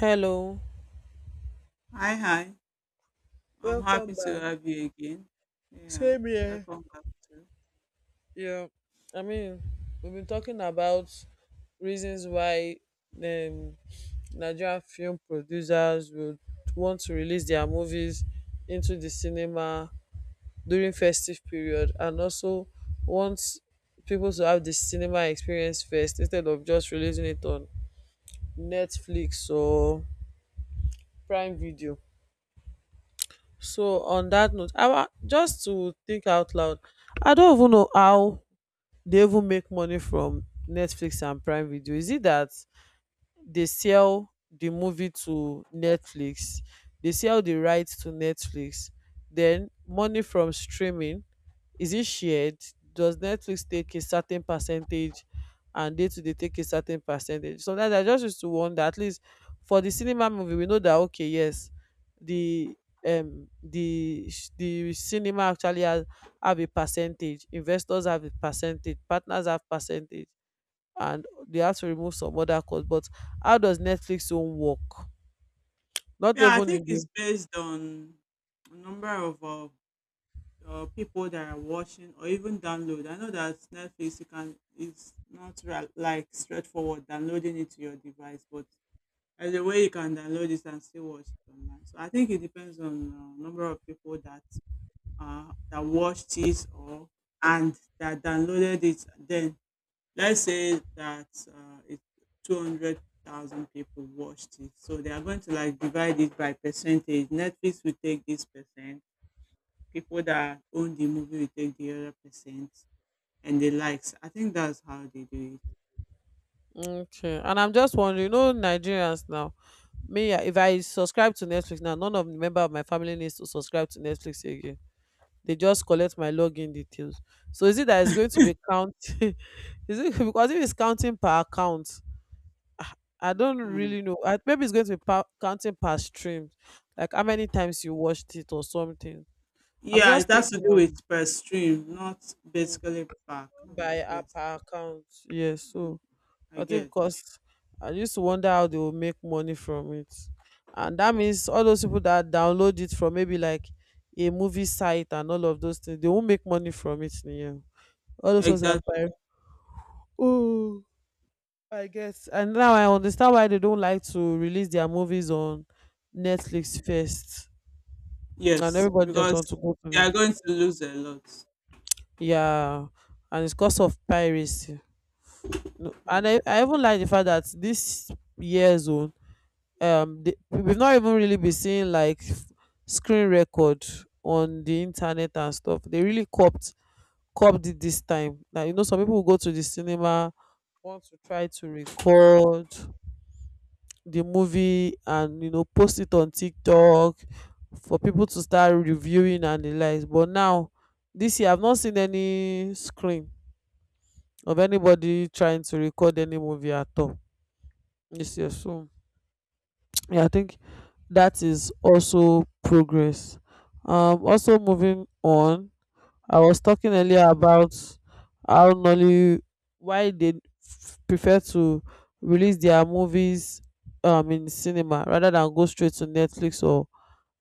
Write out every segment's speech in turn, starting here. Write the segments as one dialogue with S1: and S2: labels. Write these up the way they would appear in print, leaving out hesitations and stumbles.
S1: Hello.
S2: Hi, hi. I'm happy
S1: Welcome
S2: to
S1: back.
S2: have you again. Yeah,
S1: Same here.
S2: welcome back to.
S1: Yeah. I mean, we've been talking about reasons why um, Nigerian film producers would want to release their movies into the cinema during festive period and also want people to have the cinema experience first instead of just releasing it on Netflix or Prime Video. So on that note, just to think out loud, I don't even know how they even make money from Netflix and Prime Video. Is it that they sell the movie to Netflix? They sell the rights to Netflix. Then money from streaming, is it shared? Does Netflix take a certain percentage and they too they take a certain percentage? Sometimes I just used to wonder. At least for the cinema movie we know that, okay, yes, the the cinema actually has, have a percentage, investors have a percentage, partners have percentage, and they have to remove some other cost. But how does Netflix own work, not
S2: Yeah, I
S1: even
S2: think
S1: in
S2: it's
S1: the.
S2: based on a number of people that are watching or even download. I know that Netflix you can it's not like straightforward downloading it to your device, but there's a way you can download it and still watch it online. So I think it depends on number of people that that watched it or and that downloaded it then let's say that it's 200,000 people watched it. So they are going to like divide it by percentage. Netflix will take this percent. People that own the movie will take the other percent and the likes. I think that's how they do
S1: Okay, and I'm just wondering, you know, Nigerians now, me, ah, if I subscribe to Netflix now, none of the member of my family needs to subscribe to Netflix again. They just collect my login details. So is it that it's going to be counting? Is it because if it's counting per account, I don't
S2: it. Mm.
S1: really know. I, maybe it's going to be counting per stream, like how many times you watched it or something. I'm
S2: Yeah,
S1: just
S2: it has to do with
S1: thinking,
S2: per stream, not
S1: um,
S2: basically per account.
S1: by app
S2: Yes,
S1: account. Yes,
S2: mm,
S1: so
S2: I
S1: I think
S2: get
S1: because I used to wonder how they will make money from it. And that means all those people that download it from maybe like a movie site and all of those things, they won't make money from it. Yeah. All those ones are
S2: exactly.
S1: pirate. Oh, I guess. And now I understand why they don't like to release their movies on Netflix first. And
S2: Yes,
S1: everybody just
S2: because
S1: want to go to
S2: they
S1: the,
S2: are going to lose a lot.
S1: yeah. And it's because of piracy. No,
S2: Mm.
S1: and I even like the fact that this year zone, we've not even really been seeing like screen record on the internet and stuff. They really copped, copped it this time. Now you know some people will go to the cinema, want to try to record the movie and, you know, post it on TikTok for people to start reviewing and the likes. But now this year I've not seen any screen of anybody trying to record any movie at all. Yes, yes. So yeah, I think that is also progress. Also moving on, I was talking earlier about how Nolly, why they prefer to release their movies in cinema rather than go straight to Netflix or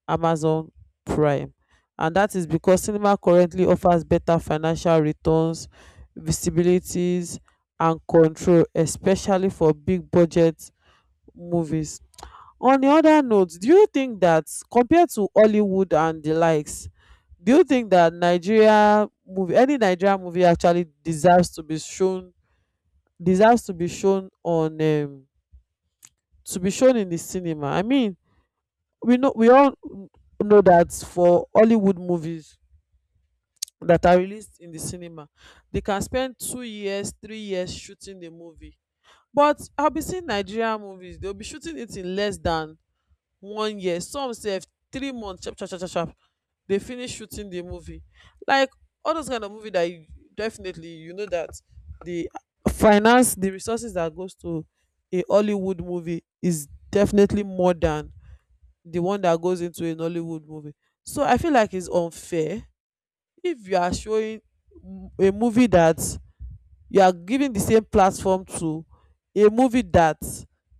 S1: Amazon Prime, and that is because cinema currently offers better financial returns, visibilities, and control, especially for big budget movies. On the other note, do you think that compared to Hollywood and the likes, do you think that Nigeria movie, any Nigerian movie actually deserves to be shown, deserves to be shown on, to be shown in the cinema? I mean, we know, we all know that for Hollywood movies that are released in the cinema, they can spend 2 years, 3 years shooting the movie. But I'll be seeing Nigerian movies, they'll be shooting it in less than 1 year, some say 3 months, chop, chop, chop, chop, chop, they finish shooting the movie. Like all those kind of movie that you definitely you know that the finance, the resources that goes to a Hollywood movie is definitely more than the one that goes into a Nollywood movie. So I feel like it's unfair if you are showing a movie that, you are giving the same platform to a movie that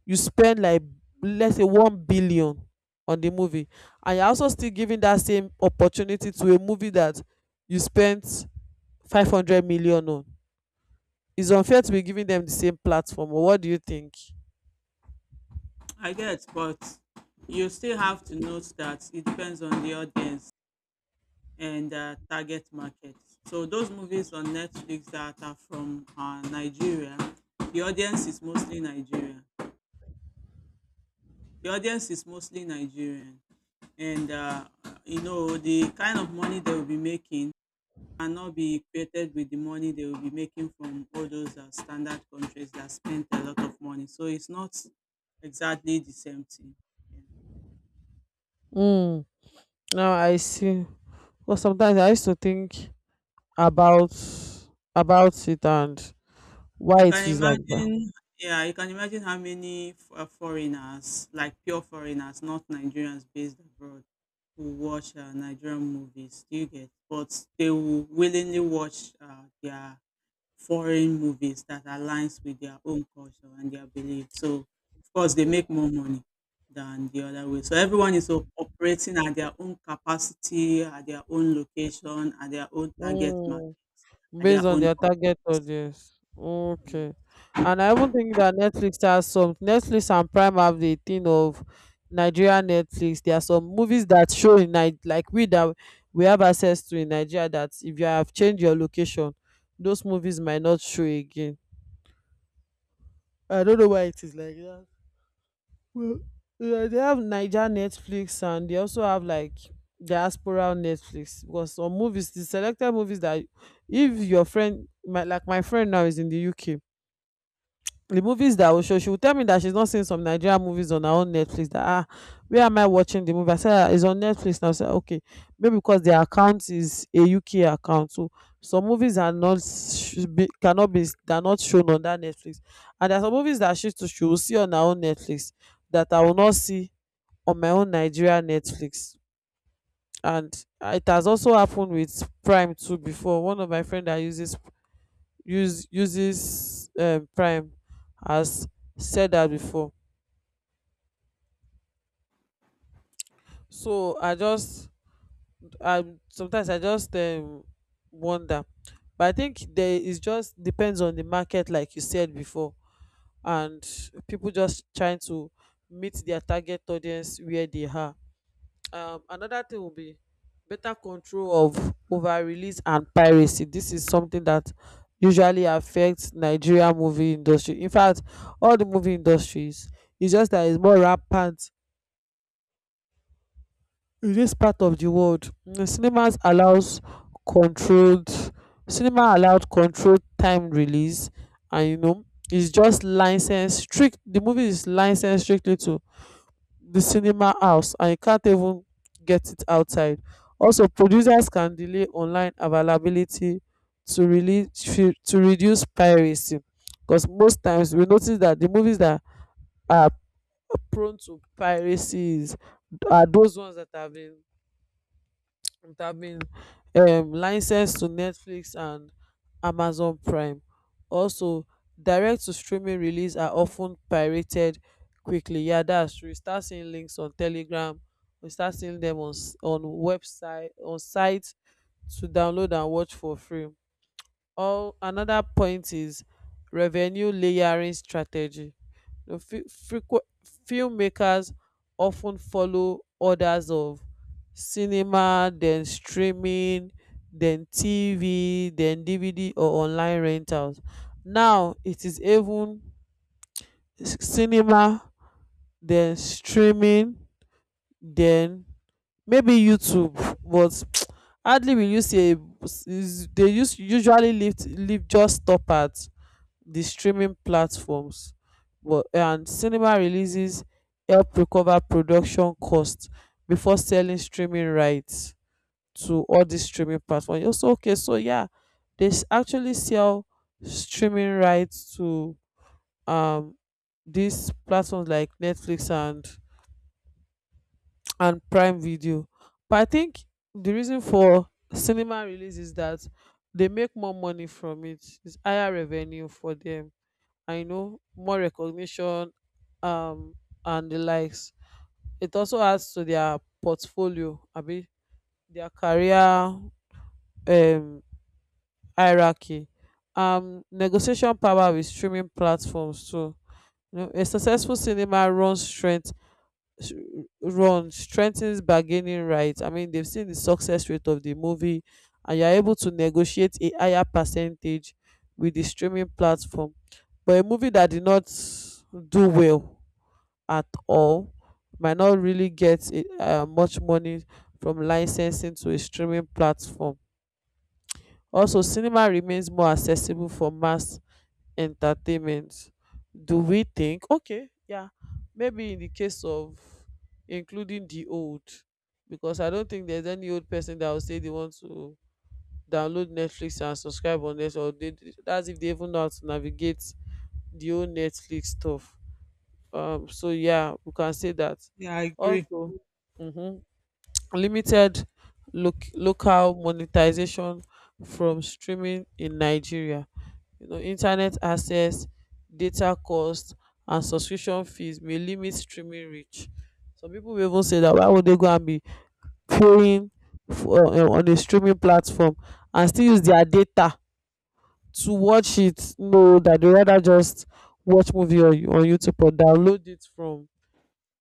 S1: you spend like, let's say, 1 billion on the movie and you're also still giving that same opportunity to a movie that you spent 500 million on. It's unfair to be giving them the same platform, or what do you think?
S2: I get, but you still have to note that it depends on the audience and target market. So those movies on Netflix that are from Nigeria, the audience is mostly Nigerian. The audience is mostly Nigerian, and you know the kind of money they will be making cannot be equated with the money they will be making from all those standard countries that spend a lot of money. So it's not exactly the same thing. Yeah.
S1: Mm, now I see. Well, sometimes I used to think about about it and
S2: You
S1: why
S2: can
S1: it is like that.
S2: imagine, yeah, you can imagine how many foreigners, like pure foreigners, not Nigerians based abroad, who watch Nigerian movies. Do you get? But they will willingly watch their foreign movies that aligns with their own culture and their belief. So, of course, they make more money than the other way. So everyone is operating at their own capacity, at their own location, at their own target market,
S1: Mm.
S2: at their
S1: Based on
S2: own.
S1: their target audience. Okay. And I even think that Netflix has some, Netflix and Prime have the thing of Nigeria Netflix. There are some movies that show in like we that we have access to in Nigeria that if you have changed your location, those movies might not show again. I don't know why it is like that. Well, yeah, they have Niger Netflix and they also have like diaspora Netflix because some movies, the selected movies that, if your friend, my, like my friend now is in the UK, the movies that I will show, she will tell me that she's not seeing some Nigerian movies on her own Netflix. That, ah, where am I watching the movie? I said, "Ah, it's on Netflix now." I said, okay, maybe because their account is a UK account, so some movies are not, should be, cannot be, they are not shown on that Netflix. And there are some movies that she too she will see on her own Netflix that I will not see on my own Nigeria Netflix. And it has also happened with Prime too before. One of my friend that uses Prime as, said that before. So I just, I sometimes, I just wonder, but I think there is, just depends on the market like you said before, and people just trying to meet their target audience where they are. Another thing will be better control of, over release and piracy. This is something that usually affects Nigeria movie industry, in fact all the movie industries, it's just that it's more rampant in this part of the world. Mm, controlled cinema allowed controlled time release, and, you know, it's just licensed strict the movie is licensed strictly to the cinema house and you can't even get it outside. Also, producers can delay online availability to to reduce piracy because most times we notice that the movies that are prone to piracy are those ones that have been, it have been license to Netflix and Amazon Prime. Also, direct to streaming release are often pirated quickly. Yeah, that's true, you start seeing links on Telegram. We start seeing them on s- on website on sites to download and watch for free. Or another point is revenue layering strategy. You know, filmmakers often follow orders of cinema, then streaming, then TV, then DVD or online rentals. Now it is even cinema, then streaming, then maybe YouTube, but hardly will you see a, is- they use usually leave just stop at the streaming platforms, but, and cinema releases help recover production costs before selling streaming rights to all these streaming platforms. Also, okay, so yeah, they actually sell streaming rights to um these platforms like Netflix and Prime Video. But I think the reason for cinema release is that they make more money from it. It's higher revenue for them, I know, more recognition, um and the likes. It also adds to their portfolio, abi their career um hierarchy. Negotiation power with streaming platforms too. You know, a successful cinema runs strength s- run strengthens bargaining rights. I mean, they've seen the success rate of the movie and you're able to negotiate a higher percentage with the streaming platform. But a movie that did not do well at all might not really get much money from licensing to a streaming platform. Also, cinema remains more accessible for mass entertainment. Do we think? Okay, yeah, maybe in the case of including the old, because I don't think there's any old person that will say they want to download Netflix and subscribe on it, or they, that's if they even know how to navigate the old Netflix stuff. So yeah, we can say that
S2: Yeah, I agree.
S1: also, mhm, limited local monetization from streaming in Nigeria. You know, internet access, data cost and subscription fees may limit streaming reach. Some people will even say that, why would they go and be paying for, on a streaming platform and still use their data to watch it? No, that they rather just watch movie on YouTube or download it from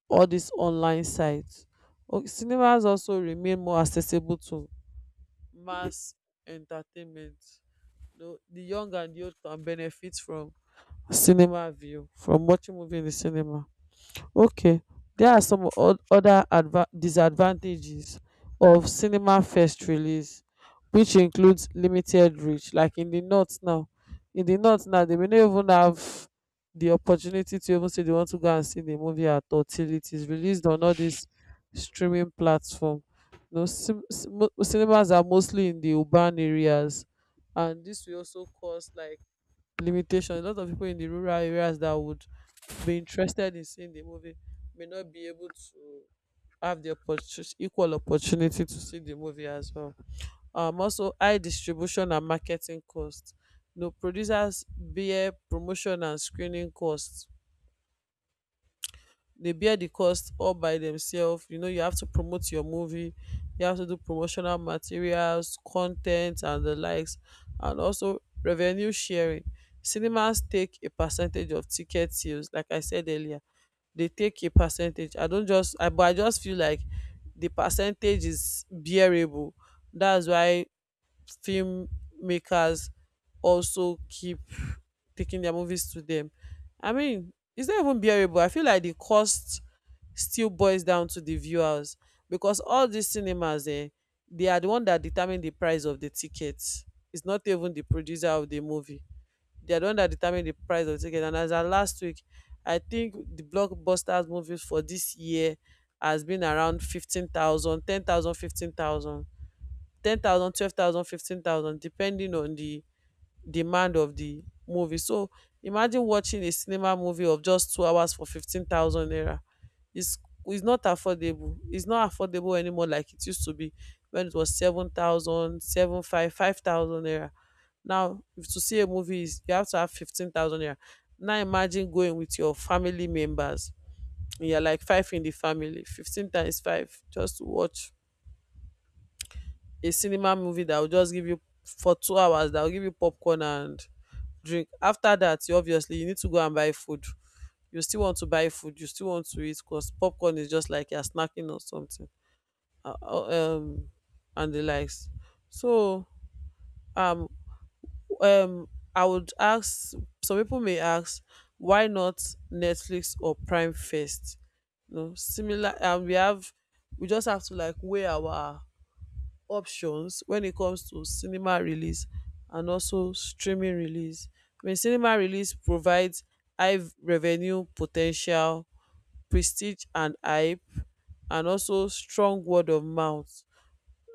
S1: all these online sites. Cinemas also remain more accessible to mass entertainment. You know, the young and the old can benefit from cinema view, from watching movie in the cinema. Okay, there are some other disadvantages of cinema first release, which includes limited reach. Like in the north now, in the north now, they may not even have the opportunity to even say they want to go and see the movie at all till it is released on all these streaming platform. You know, cinemas are mostly in the urban areas, and this will also cause like limitation. A lot of people in the rural areas that would be interested in seeing the movie may not be able to have the equal opportunity to see the movie as well. Also, high distribution and marketing costs. You know, producers bear promotion and screening costs. They bear the cost all by themselves. You know, you have to promote your movie, you have to do promotional materials, content and the likes. And also, revenue sharing. Cinemas take a percentage of ticket sales, like I said earlier. They take a percentage. I don't just— I, but I just feel like the percentage is bearable. That's why filmmakers also keep taking their movies to them. I mean, it's not even bearable. I feel like the cost still boils down to the viewers, because all these cinemas, eh, they are the one that determine the price of the tickets. It's not even the producer of the movie. They are the one that determine the price of the ticket. And as at last week, I think the blockbusters movies for this year has been around 15,000, 10,000, 15,000. 10,000, 12,000, 15,000, depending on the demand of the movie. So imagine watching a cinema movie of just 2 hours for 15,000 naira. It's it's not affordable. It's not affordable anymore like it used to be when it was 7,000, seven five, 5,000 naira. Now if to see a movie is, you have to have 15,000 naira. Now imagine going with your family members. You're like five in the family, 15 times 5 just to watch a cinema movie that will just give you, for 2 hours, that will give you popcorn and drink. After that, you obviously, you need to go and buy food. You still want to buy food, you still want to eat, because popcorn is just like you're snacking or something, uh, uh, um and the likes. So, um um I would ask, some people may ask, why not Netflix or Prime first? You know, similar. And we just have to like weigh our options when it comes to cinema release and also streaming release. I mean, cinema release provides high revenue potential, prestige and hype, and also strong word of mouth.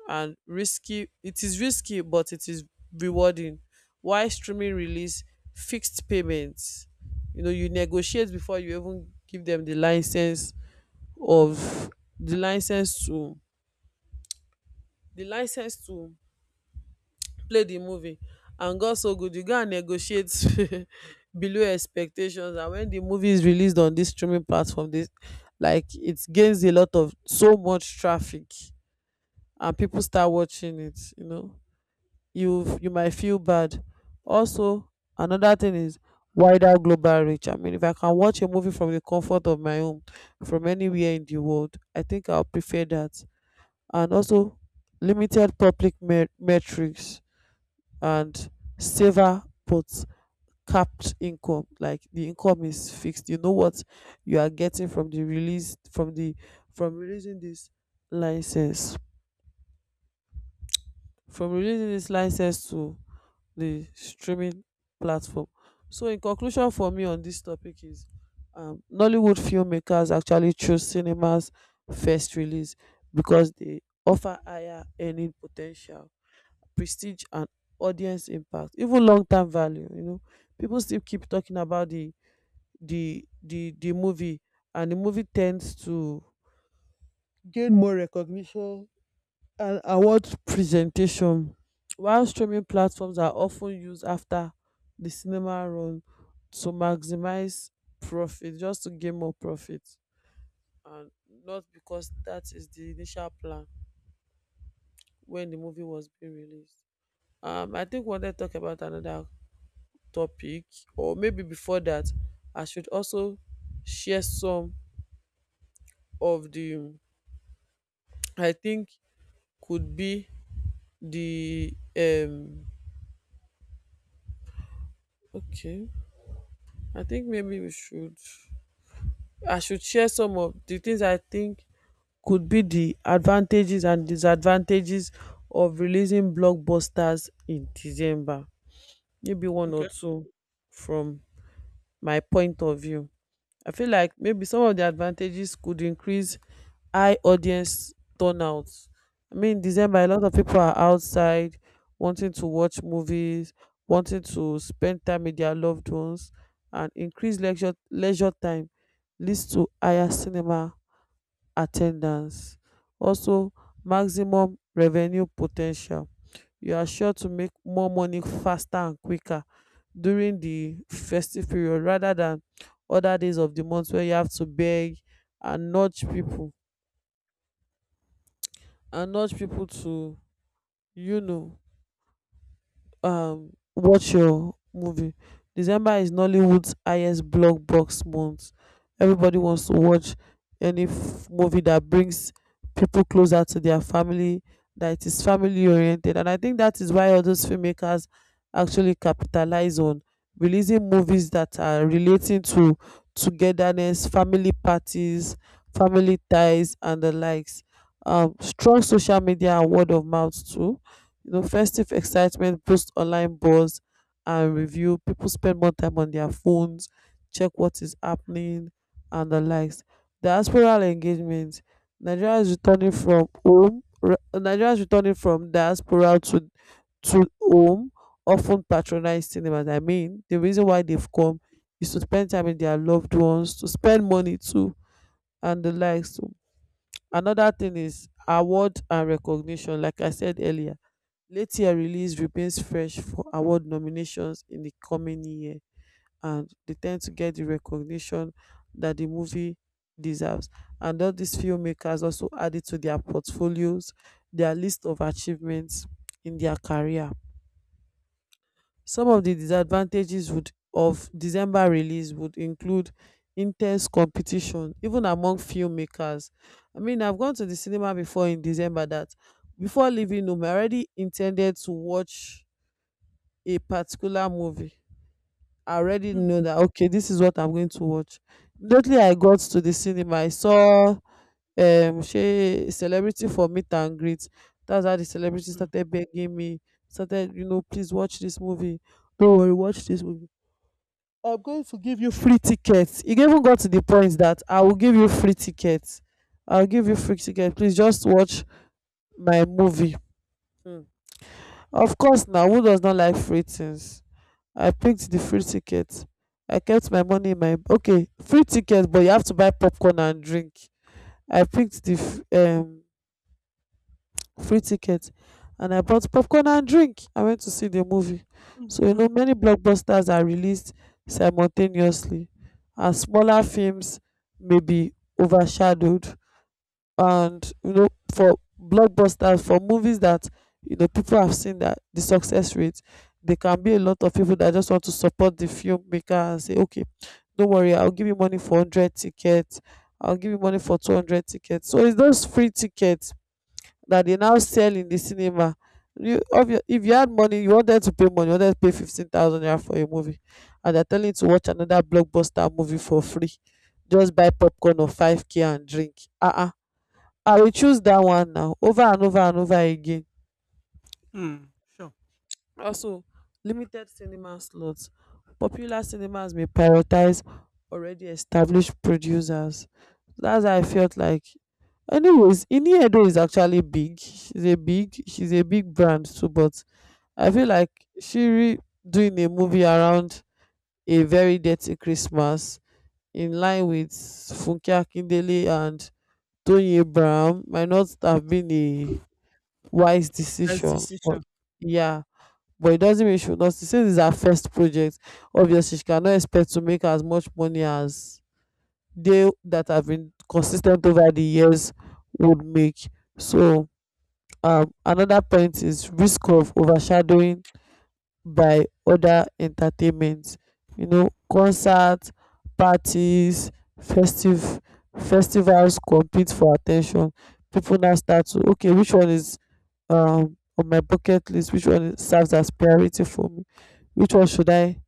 S1: And risky, it is risky, but it is rewarding. Why streaming release? Fixed payments. You know, you negotiate before you even give them the license, of the license to the license to play the movie, and God so good, you go and negotiate below expectations. And when the movie is released on this streaming platform, this, like, it gains a lot of so much traffic and people start watching it, you know, you might feel bad. Also, another thing is wider global reach. I mean, if I can watch a movie from the comfort of my home, from anywhere in the world, I think I'll prefer that. And also, limited public metrics, and saver, but capped income. Like the income is fixed, you know what you are getting from the release from the from releasing this license from releasing this license to the streaming platform. So, in conclusion, for me, on this topic is, Nollywood filmmakers actually choose cinemas first release because they offer higher earning potential, prestige and audience impact, even long term value. You know, people still keep talking about the the movie, and the movie tends to gain more recognition and award presentation, while streaming platforms are often used after the cinema run to maximize profit, just to gain more profit, and not because that is the initial plan when the movie was being released. I think we wanted to talk about another topic, or maybe before that, I should also share some of the, I think, could be the okay, I think maybe we should I should share some of the things I think could be the advantages and disadvantages of releasing blockbusters in December. Maybe one or
S2: Okay.
S1: two from my point of view. I feel like maybe some of the advantages could increase high audience turnout. I mean, December, a lot of people are outside wanting to watch movies, wanting to spend time with their loved ones, and increased leisure time leads to higher cinema at ten dance. Also, maximum revenue po ten tial. You are sure to make more money faster and quicker during the festive period, rather than other days of the month where you have to beg and nudge people, to, you know, watch your movie. December is Nollywood's highest blockbox month. Everybody wants to watch any movie that brings people closer to their family, that it is family oriented. And I think that is why all those filmmakers actually capitalize on releasing movies that are relating to togetherness, family parties, family ties, and the likes. Strong social media and word of mouth too. You know, festive excitement boosts online buzz and review. People spend more time on their phones, check what is happening, and the likes. Diasporal engagement. Nigeria is returning from home. Nigeria is returning from diaspora to home, often patronize cinemas. I mean, the reason why they've come is to spend time with their loved ones, to spend money too, and the likes. So, another thing is award and recognition. Like I said earlier, Latia release remains fresh for award nominations in the coming year, and they tend to get the recognition that the movie deserves. And all these filmmakers also added to their portfolios, their list of achievements in their career. Some of the disadvantages would of December release would include intense competition even among filmmakers. I mean, I've gone to the cinema before in December that, before leaving home, I already intended to watch a particular movie. I already
S2: Mm,
S1: know that, okay, this is what I'm going to watch. Immediately I got to the cinema, I saw, ṣe celebrity for meet and greet. That's how the celebrity
S2: mm,
S1: started begging me, started, you know, please watch this movie, don't worry, watch this movie, I'm going to give you free ticket. E even got to the point that I will give you free ticket, I'll give you free ticket, please just watch my movie. Hmm. Of course, na who does not like free things. I picked the free ticket. I kept my money in my, okay, free ticket but you have to buy popcorn and drink. I picked the um, free ticket and I bought popcorn and drink. I went to see the movie.
S2: mm,
S1: So you
S2: mm,
S1: know, many blockbusters are released simultaneously, and smaller films may be overshadowed. And you know, for blockbusters, for movies that, you know, people have seen that the success rate, there can be a lot of people that just want to support the filmmaker and say, okay, don't worry, I'll give you money for 100 tickets, I'll give you money for 200 tickets. So it's those free tickets that they now sell in the cinema. You if you had money, you wanted to pay money, you wanted to pay 15,000 naira for a movie, and they're telling you to watch another blockbuster movie for free, just buy popcorn of 5K and drink, ah uh I will choose that one now over and over and over again.
S2: mm. Sure.
S1: Also, limited cinema slots. Popular cinemas may prioritize already established producers. That's how I felt like. Anyways, Ini Edo is actually big. She's a big brand too, but I feel like Shiri doing a movie around a very dirty Christmas, in line with Funke Akindele and Tony Abraham, might not have been a wise
S2: Best
S1: decision, but
S2: decision. Mm.
S1: yeah. But it doesn't mean she should not, since it's her first project. Obviously she cannot expect to make as much money as they that have been consistent over the years would make. So, another point is risk of overshadowing by other entertainment. You know, concerts, parties, festive festivals compete for attention. People now start to, okay, which one is, on my bucket list, which one serves as priority for me, which one should I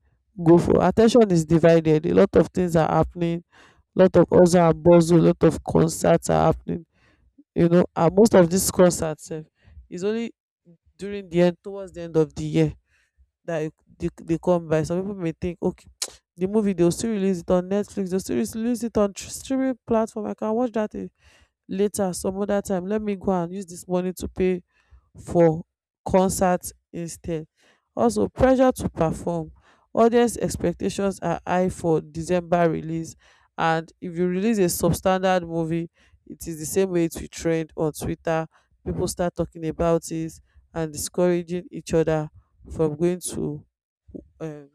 S1: go for. Attention is divided, a lot of things are happening, a lot of hustle are bustle, a lot of concerts are happening, you know. And most of these concerts sef is only during the end towards the end of the year that they come by. Some people may think, okay, the movie, they'll still release it on Netflix, they'll still release it on streaming platform, I can watch that, eh, later, some other time. Let me go and use this money to pay for concerts instead. Also, pressure to perform. Audience expectations are high for December release, and if you release a substandard movie, it is the same way it will trend on Twitter, people start talking about it and discouraging each other from going to, um,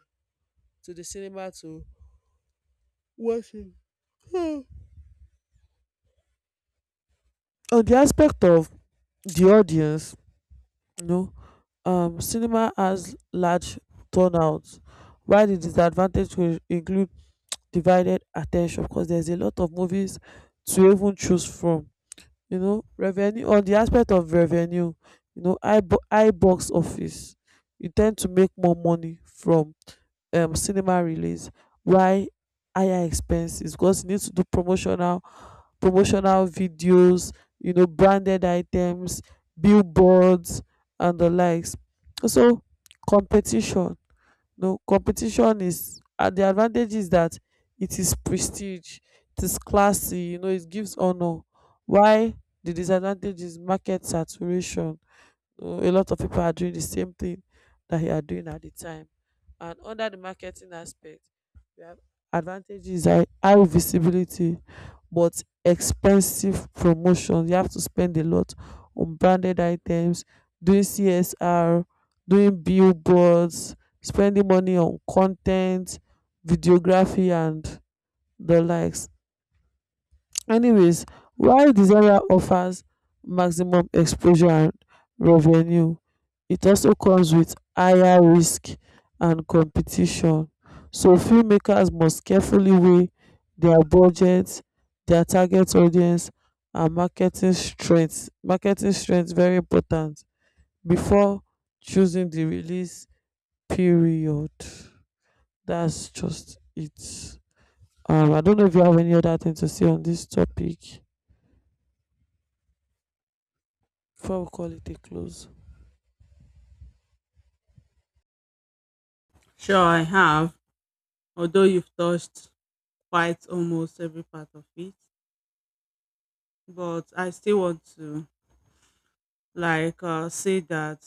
S1: to the cinema to watch it. Hmm. On the aspect of the audience, you know, cinema has large turnouts, while the disadvantage will include divided attention, because there's a lot of movies to even choose from. You know, revenue, on the aspect of revenue, you know, I box office, you tend to make more money from cinema release. Why? Higher expenses, because you need to do promotional videos, you know, branded items, billboards, and the likes. So, competition. No, competition is, the advantage is that it is prestige, it is classy, you know, it gives honor. Why? The disadvantage is market saturation. So a lot of people are doing the same thing that you are doing at the time. And under the marketing aspect, we have advantages are high visibility, but expensive promotion. You have to spend a lot on branded items, doing CSR, doing billboards, spending money on content, videography, and the likes. Anyways, while Desire offers maximum exposure and revenue, it also comes with higher risk and competition. So filmmakers must carefully weigh their budget, their target audience, and marketing strength. Marketing strength, very important before choosing the release period. That's just it. I don't know if you have any other thing to say on this topic before we call it a close.
S2: Sure, I have, although you've touched quite almost every part of it, but I still want to like say that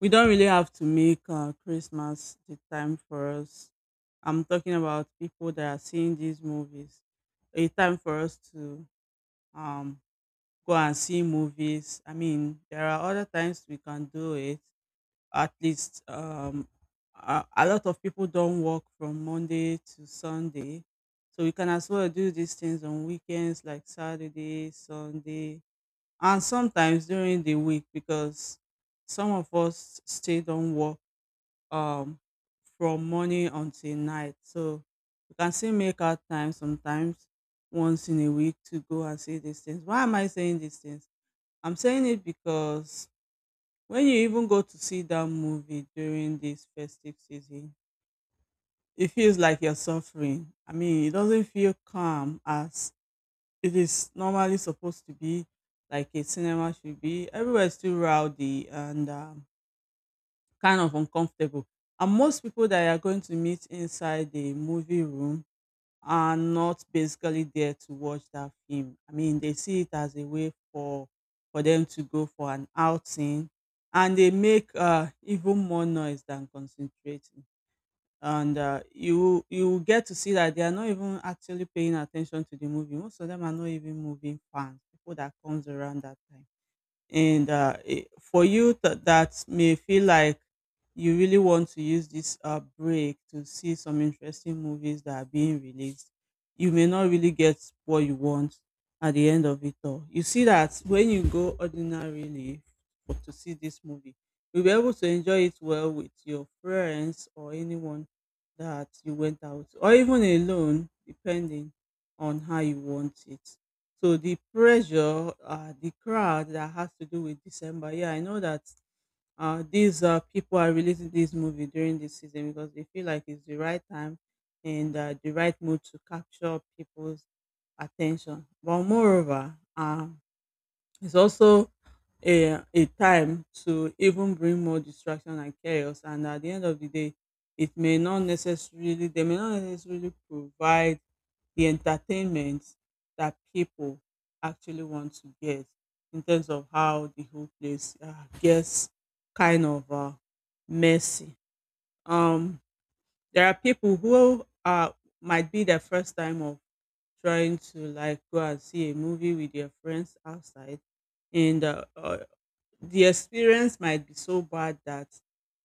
S2: we don't really have to make Christmas the time for us. I'm talking about people that are seeing these movies. A time for us to um go and see movies. I mean, there are other times we can do it, at least a lot of people don't work from Monday to Sunday. So you can as well do these things on weekends like Saturday, Sunday, and sometimes during the week because some of us still don't work um, from morning until night. So you can still make out time sometimes once in a week to go and see these things. Why am I saying these things? I'm saying it because when you even go to see that movie during this festive season, it feels like you're suffering. I mean, it doesn't feel calm as it is normally supposed to be, like a cinema should be. Everywhere is too rowdy and kind of uncomfortable. And most people that you are going to meet inside the movie room are not basically there to watch that film. I mean, they see it as a way for them to go for an outing, and they make even more noise than concentrating. And you will get to see that they are not even actually paying attention to the movie. Most of them are not even movie fans. People that comes around that time and for you that may feel like you really want to use this break to see some interesting movies that are being released, you may not really get what you want at the end of it all. You see that when you go ordinarily to see this movie, you'll be able to enjoy it well with your friends or anyone that you went out, or even alone, depending on how you want it. So the pressure, the crowd that has to do with December. Yeah, I know that these people are releasing this movie during this season because they feel like it's the right time and the right mood to capture people's attention. But moreover, it's also a time to even bring more distraction and chaos. And at the end of the day, it may not necessarily, they may not necessarily provide the entertainment that people actually want to get in terms of how the whole place gets kind of messy. Um, there are people who might be their first time of trying to like go and see a movie with their friends outside. In the The experience might be so bad that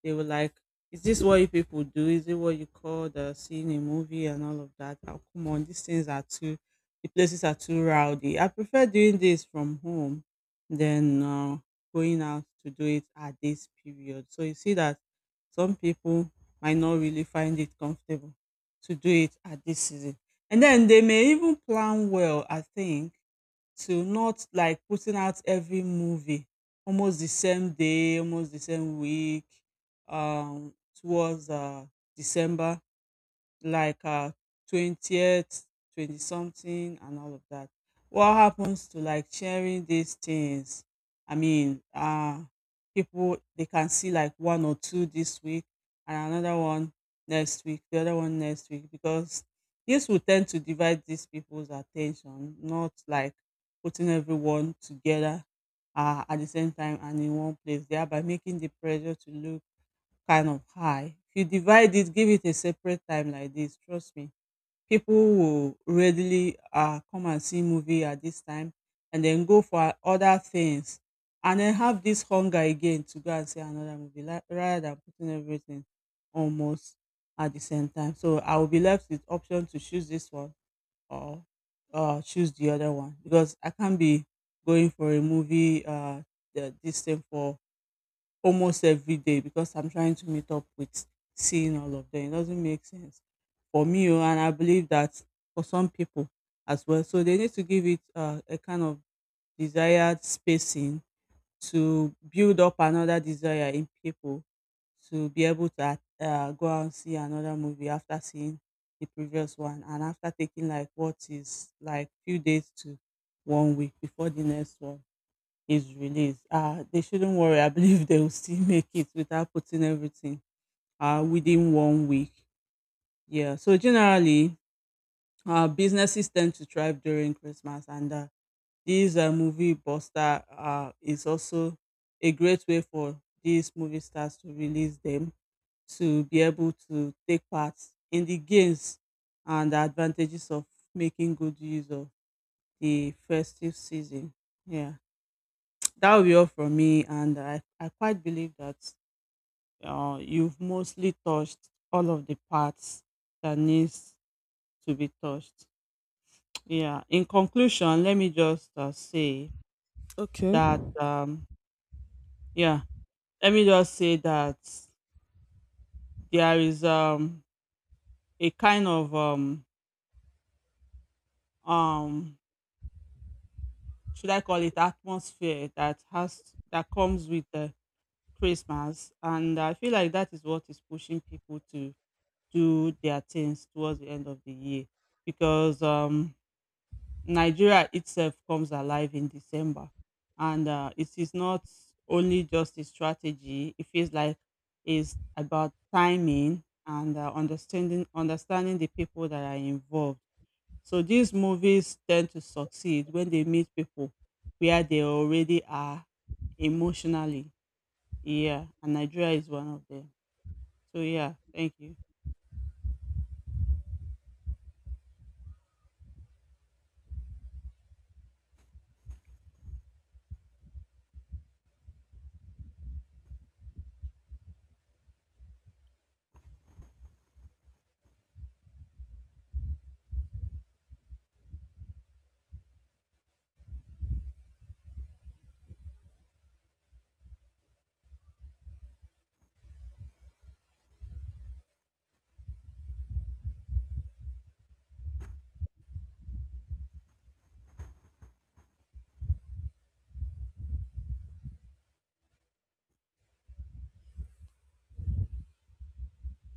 S2: they were like, "Is this what you people do? Is it what you call the seeing a movie and all of that? Oh, come on, these things are too, the places are too rowdy. I prefer doing this from home than going out to do it at this period." So you see that some people might not really find it comfortable to do it at this season, and then they may even plan well. I think to not like putting out every movie almost the same day, almost the same week, um, towards December like 20th, twenty something and all of that. What happens to like sharing these things? I mean, people they can see like one or two this week and another one next week, the other one next week because this will tend to divide these people's attention, not like putting everyone together at the same time and in one place, thereby making the pressure to look kind of high. If you divide it, give it a separate time like this, trust me, people will readily come and see movie at this time and then go for other things and then have this hunger again to go and see another movie like, rather than putting everything almost at the same time. So I will be left with option to choose this one or choose the other one because I can't be going for a movie this thing for almost every day because I'm trying to meet up with seeing all of them. It doesn't make sense for me, oh, and I believe that for some people as well. So they need to give it a kind of desired spacing to build up another desire in people to be able to go out and see another movie after seeing the previous one and after taking like what is like few days to one week before the next one is released, they shouldn't worry. I believe they will still make it without putting everything within one week. Yeah. So generally, businesses tend to thrive during Christmas, and this movie buster is also a great way for these movie stars to release them to be able to take part in the gains and the advantages of making good use of the festive season. Yeah. That will be all from me, and I quite believe that you've mostly touched all of the parts that needs to be touched. Yeah. In conclusion, let me just say
S1: Okay.
S2: that. Yeah Let me just say that there is a kind of, um should I call it, atmosphere that has that comes with Christmas, and I feel like that is what is pushing people to do their things towards the end of the year because Nigeria itself comes alive in December. And it is not only just a strategy, it feels like it's about timing and understanding, the people that are involved. So these movies tend to succeed when they meet people where they already are emotionally. Yeah, and Nigeria is one of them. So yeah, thank you.